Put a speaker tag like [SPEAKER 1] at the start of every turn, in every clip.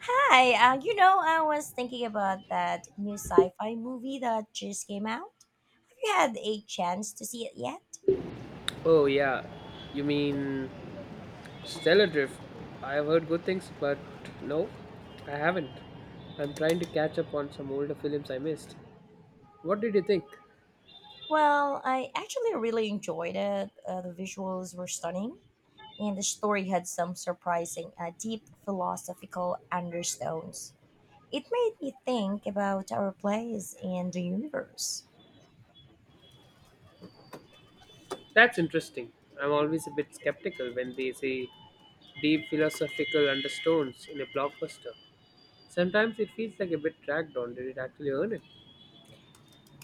[SPEAKER 1] I was thinking about that new sci-fi movie that just came out. Have you had a chance to see it yet?
[SPEAKER 2] Oh, yeah. You mean Stellar Drift? I've heard good things, but no, I haven't. I'm trying to catch up on some older films I missed. What did you think?
[SPEAKER 1] Well, I actually really enjoyed it. The visuals were stunning, and the story had some surprising deep philosophical undertones. It made me think about our place and the universe.
[SPEAKER 2] That's interesting. I'm always a bit skeptical when they say deep philosophical undertones in a blockbuster. Sometimes it feels like a bit dragged on. Did it actually earn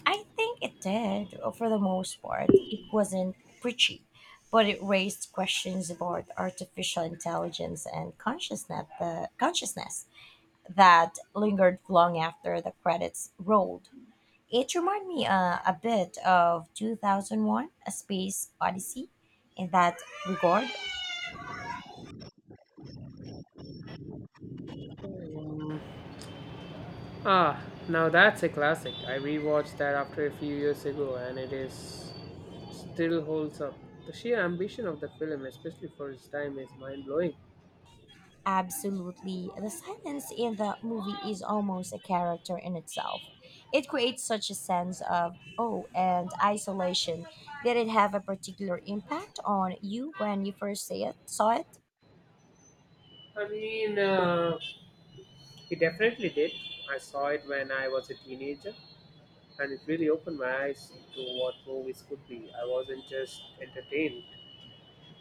[SPEAKER 1] I think it did. For the most part, it wasn't preachy, but it raised questions about artificial intelligence and the consciousness that lingered long after the credits rolled. It reminded me a bit of 2001: A Space Odyssey in that regard.
[SPEAKER 2] it? Ah, now that's a classic. I rewatched that after a few years ago and it is still holds up. The sheer ambition of the film, especially for its time, is mind blowing.
[SPEAKER 1] Absolutely. The silence in the movie is almost a character in itself. It creates such a sense of oh and isolation. Did it have a particular impact on you when you saw it?
[SPEAKER 2] I mean, uh, it definitely did. I saw it when I was a teenager and it really opened my eyes to what movies could be. I wasn't just entertained,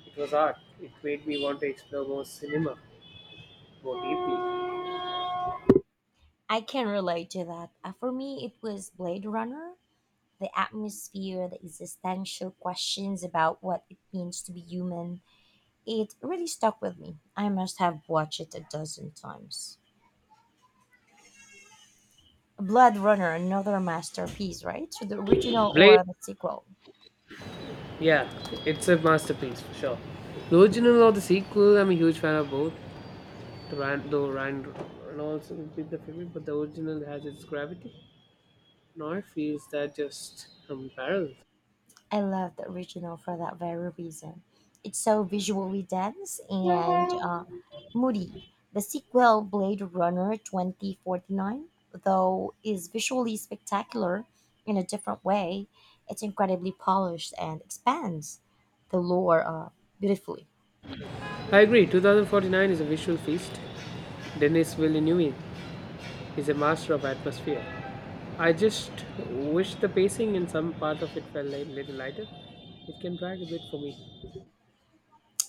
[SPEAKER 2] it was art. It made me want to explore more cinema more deeply.
[SPEAKER 1] I can relate to that. For me, it was Blade Runner. The atmosphere, the existential questions about what it means to be human, it really stuck with me. I must have watched it a dozen times. Blade Runner, another masterpiece, right? So the original
[SPEAKER 2] Blade,
[SPEAKER 1] or the sequel.
[SPEAKER 2] yeah, it's a masterpiece for sure. The original or the sequel, I'm a huge fan of both. Ryan, though Ryan Reynolds will be the favorite, but the original has its gravity. Noir feels that just unparalleled.
[SPEAKER 1] I love the original for that very reason. It's so visually dense and moody. The sequel, Blade Runner 2049, though, is visually spectacular in a different way. It's incredibly polished and expands the lore beautifully.
[SPEAKER 2] I agree, 2049 is a visual feast. Denis Villeneuve is a master of atmosphere. I just wish the pacing in some part of it felt a little lighter. It can drag a bit for me.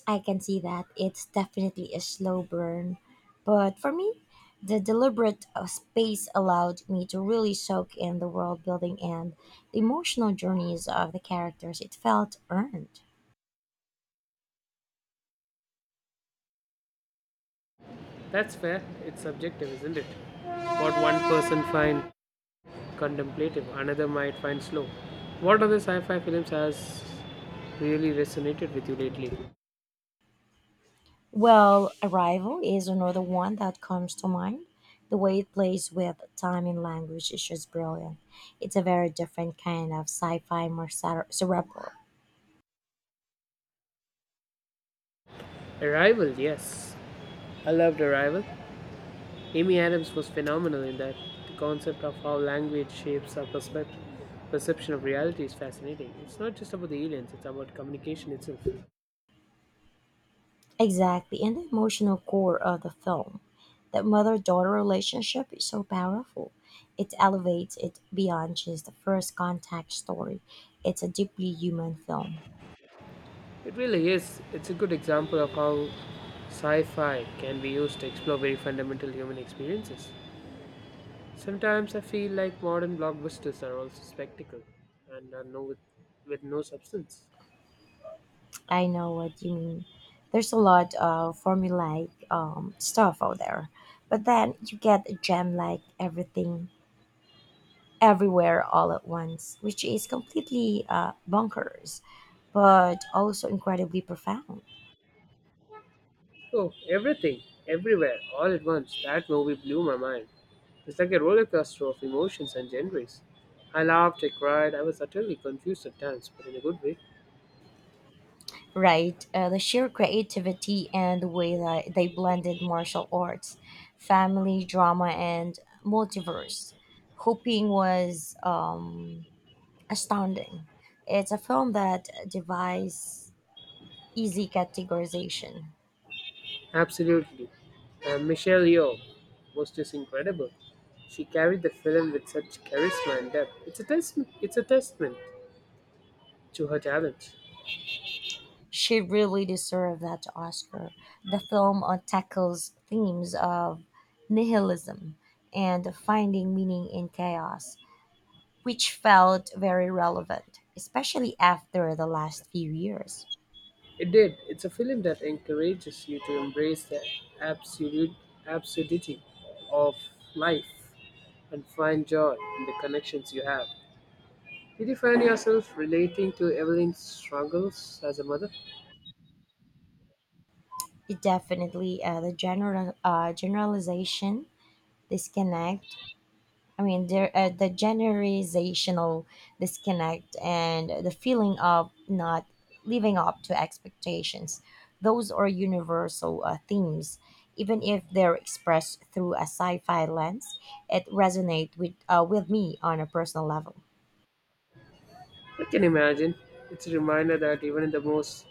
[SPEAKER 1] I can see that. It's definitely a slow burn. But for me, the deliberate space allowed me to really soak in the world building and the emotional journeys of the characters. It felt earned.
[SPEAKER 2] That's fair, it's subjective, isn't it? What one person finds contemplative, another might find slow. What other sci fi films has really resonated with you lately?
[SPEAKER 1] Well, Arrival is another one that comes to mind. The way it plays with time and language is just brilliant. It's a very different kind of sci fi, cerebral.
[SPEAKER 2] Arrival, yes. I loved Arrival. Amy Adams was phenomenal in that. The concept of how language perception of reality is fascinating. It's not just about the aliens, it's about communication itself.
[SPEAKER 1] Exactly, and the emotional core of the film. That mother daughter relationship is so powerful. It elevates it beyond just the first contact story. It's a deeply human film.
[SPEAKER 2] It really is. It's a good example of how sci fi can be used to explore very fundamental human experiences. Sometimes I feel like modern blockbusters are also spectacle and are no, with no substance.
[SPEAKER 1] I know what you mean. There's a lot of formulaic stuff out there, but then you get a gem like everything, everywhere, all at once, which is completely bonkers, but also incredibly profound.
[SPEAKER 2] Oh, everything, everywhere, all at once. That movie blew my mind. It's like a roller coaster of emotions and genres. I laughed, I cried, I was utterly confused at times, but in a good way.
[SPEAKER 1] Right, the sheer creativity and the way that they blended martial arts, family drama, and multiverse, Hoping was astounding. It's a film that defies easy categorization.
[SPEAKER 2] Absolutely. And Michelle Yeoh was just incredible. She carried the film with such charisma and depth. It's a testament to her talent.
[SPEAKER 1] She really deserved that Oscar. The film tackles themes of nihilism and finding meaning in chaos, which felt very relevant, especially after the last few years.
[SPEAKER 2] It did. It's a film that encourages you to embrace the absolute absurdity of life, and find joy in the connections you have. Did you find yourself relating to Evelyn's struggles as a mother?
[SPEAKER 1] It definitely the general generalization disconnect. I mean, the generalizational disconnect and the feeling of not living up to expectations. Those are universal themes, even if they're expressed through a sci-fi lens. It resonates with me on a personal level.
[SPEAKER 2] I can imagine. It's a reminder that even in the most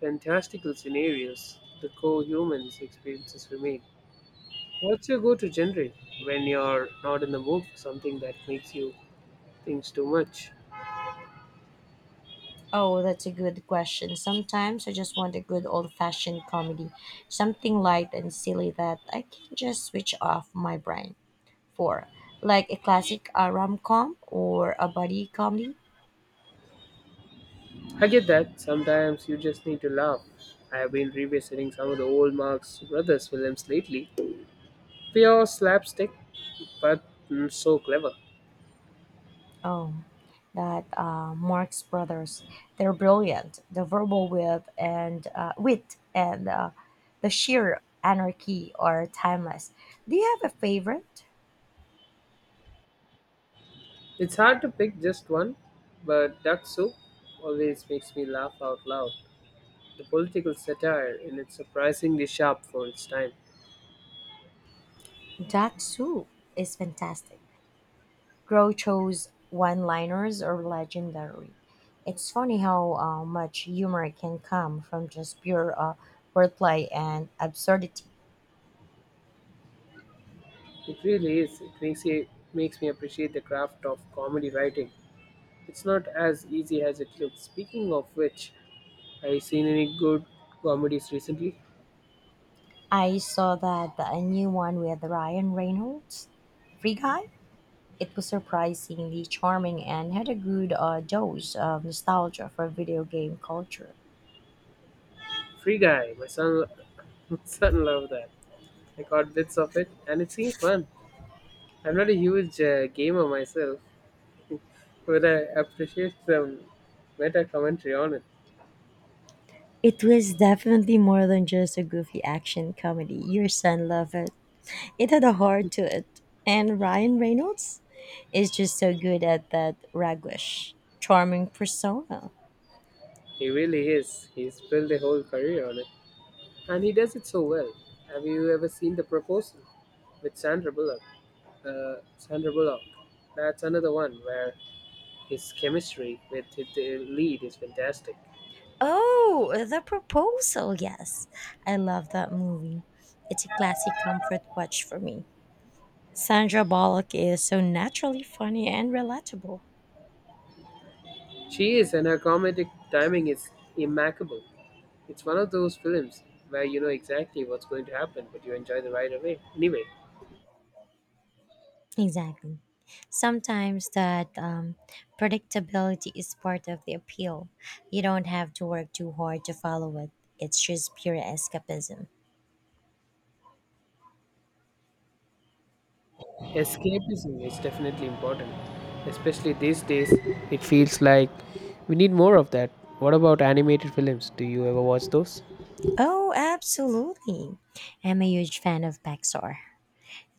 [SPEAKER 2] fantastical scenarios, the core human's experiences remain. What's your go to genre when you're not in the mood for something that makes you think too much?
[SPEAKER 1] Oh, that's a good question. Sometimes I just want a good old fashioned comedy, something light and silly that I can just switch off my brain for, like a classic rom com or a buddy comedy.
[SPEAKER 2] I get that. Sometimes you just need to laugh. I have been revisiting some of the old Marx Brothers films lately. They are slapstick, but so clever.
[SPEAKER 1] Oh, that Marx Brothers. They're brilliant. The verbal wit and the sheer anarchy are timeless. Do you have a favorite?
[SPEAKER 2] It's hard to pick just one, but Duck Soup always makes me laugh out loud. The political satire in it's surprisingly sharp for its time.
[SPEAKER 1] Dak Soup is fantastic. Groucho's one-liners are legendary. It's funny how much humor can come from just pure wordplay and absurdity.
[SPEAKER 2] It really is. It makes you makes me appreciate the craft of comedy writing. It's not as easy as it looks. Speaking of which, have you seen any good comedies recently?
[SPEAKER 1] I saw that the new one with Ryan Reynolds, Free Guy. It was surprisingly charming and had a good dose of nostalgia for video game culture.
[SPEAKER 2] Free Guy, my son, my son loved that. I caught bits of it, and it seemed fun. I'm not a huge gamer myself, but I appreciate some meta commentary on it.
[SPEAKER 1] It was definitely more than just a goofy action comedy. Your son loved it. It had a heart to it. And Ryan Reynolds is just so good at that raguish, charming persona.
[SPEAKER 2] He really is. He's built a whole career on it. And he does it so well. Have you ever seen The Proposal with Sandra Bullock? Sandra Bullock. That's another one where his chemistry with the lead is fantastic.
[SPEAKER 1] Oh, The Proposal, yes. I love that movie. It's a classic comfort watch for me. Sandra Bullock is so naturally funny and relatable.
[SPEAKER 2] She is, and her comedic timing is impeccable. It's one of those films where you know exactly what's going to happen, but you enjoy the ride away. Anyway,
[SPEAKER 1] Exactly. Sometimes that predictability is part of the appeal. You don't have to work too hard to follow it, it's just pure escapism.
[SPEAKER 2] escapism is definitely important, especially these days. It feels like we need more of that. What about animated films? Do you ever watch those?
[SPEAKER 1] Oh, absolutely. I'm a huge fan of Pixar.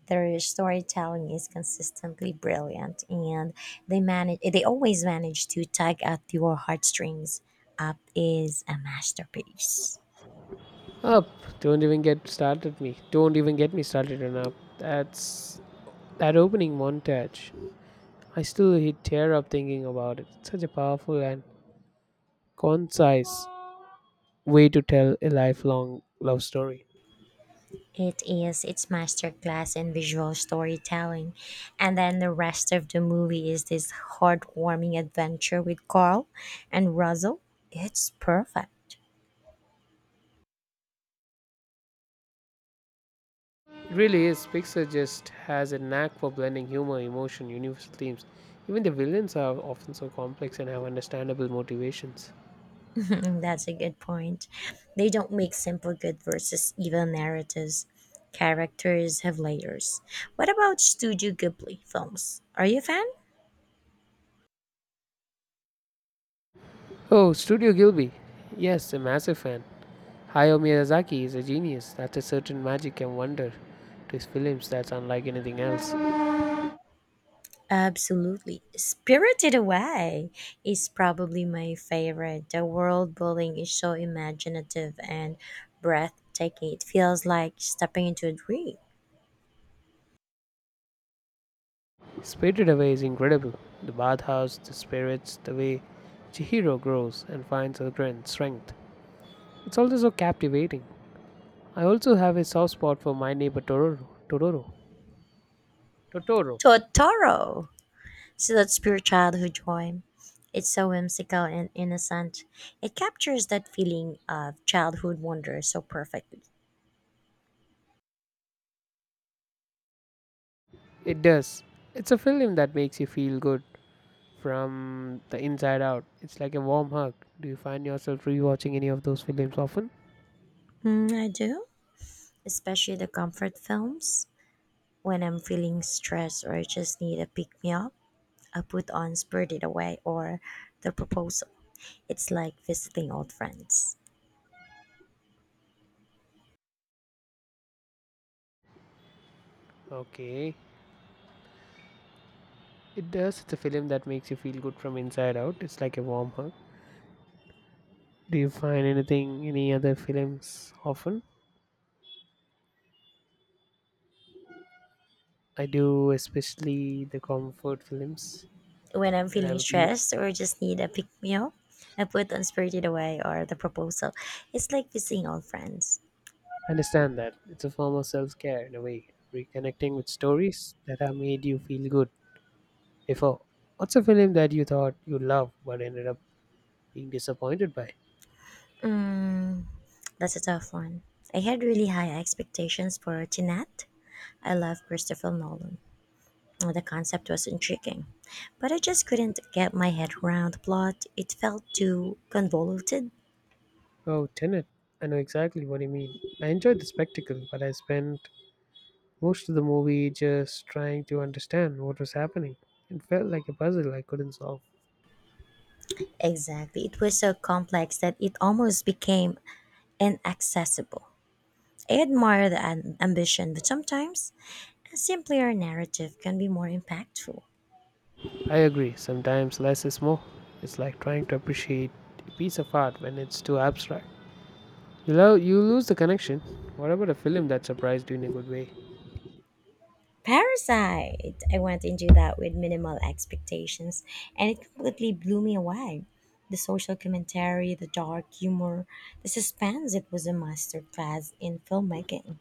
[SPEAKER 1] Their storytelling is consistently brilliant and they always manage to tug at your heartstrings. Up is a masterpiece.
[SPEAKER 2] Up. Don't even get started me. Don't even get me started on Up. That's that opening montage. I still hit tear up thinking about it. Such a powerful and concise way to tell a lifelong love story.
[SPEAKER 1] It is its masterclass in visual storytelling. And then the rest of the movie is this heartwarming adventure with Carl and Russell. It's perfect.
[SPEAKER 2] Really is. Pixar just has a knack for blending humor, emotion, universal themes. Even the villains are often so complex and have understandable motivations.
[SPEAKER 1] That's a good point. They don't make simple good versus evil narratives. Characters have layers. What about Studio Ghibli films? Are you a fan?
[SPEAKER 2] Oh, Studio Gilby. Yes, a massive fan. Hayao Miyazaki is a genius. That's a certain magic and wonder to his films that's unlike anything else.
[SPEAKER 1] Absolutely. Spirited Away is probably my favorite. The world building is so imaginative and breathtaking. It feels like stepping into a dream.
[SPEAKER 2] Spirited Away is incredible. The bathhouse, the spirits, the way Chihiro grows and finds her grand strength. It's also so captivating. I also have a soft spot for my neighbor Tororo. Tororo. Totoro.
[SPEAKER 1] Totoro, so that's pure childhood joy. It's so whimsical and innocent. It captures that feeling of childhood wonder so perfectly.
[SPEAKER 2] It does. It's a film that makes you feel good from the inside out. It's like a warm hug. Do you find yourself rewatching any of those films often?
[SPEAKER 1] Mm, I do, especially the comfort films. When I'm feeling stressed or I just need a pick me up, I put on Spirited Away or The Proposal. It's like visiting old friends.
[SPEAKER 2] Okay. It does. It's a film that makes you feel good from inside out. It's like a warm hug. Do you find anything, any other films often? I do, especially the comfort films.
[SPEAKER 1] When I'm
[SPEAKER 2] When
[SPEAKER 1] feeling
[SPEAKER 2] I'm feeling,
[SPEAKER 1] stressed or just need a pick me up, I put on Spirited Away or The Proposal. It's like visiting old friends.
[SPEAKER 2] I understand that it's a form of self care in a way, reconnecting with stories that have made you feel good before. What's a film that you thought you loved but ended up being disappointed by?
[SPEAKER 1] That's a tough one. I had really high expectations for Tenet. I love Christopher Nolan. The concept was intriguing, but I just couldn't get my head around the plot. It felt too convoluted.
[SPEAKER 2] Oh, Tenet. I know exactly what you mean. I enjoyed the spectacle, but I spent most of the movie just trying to understand what was happening. It felt like a puzzle I couldn't solve.
[SPEAKER 1] Exactly. It was so complex that it almost became inaccessible. I admire the ambition, but sometimes a simpler narrative can be more impactful.
[SPEAKER 2] I agree, sometimes less is more. It's like trying to appreciate a piece of art when it's too abstract. You lose the connection. What about a film that surprised you in a good way?
[SPEAKER 1] Parasite! I went into that with minimal expectations and it completely blew me away. The social commentary, the dark humor, the suspense, it was a masterclass in filmmaking.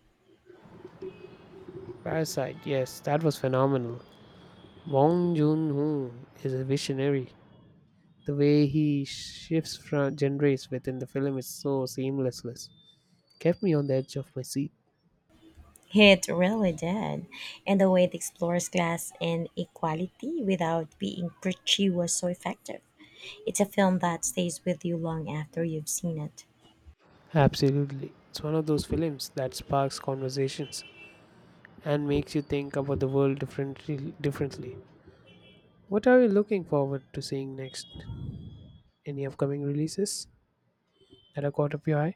[SPEAKER 2] Parasite, yes, that was phenomenal. Bong Joon Ho is a visionary. The way he shifts from genres within the film is so seamlessless. Kept me on the edge of my seat.
[SPEAKER 1] It really did. And the way it explores class inequality without being preachy was so effective. It's a film that stays with you long after you've seen it.
[SPEAKER 2] Absolutely. It's one of those films that sparks conversations and makes you think about the world differently. What are you looking forward to seeing next? Any upcoming releases that are caught up your eye?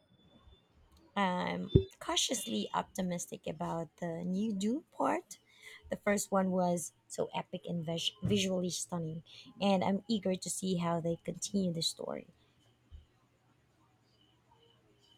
[SPEAKER 1] I'm cautiously optimistic about the new Dune part. The first one was so epic and visually stunning, and I'm eager to see how they continue the story.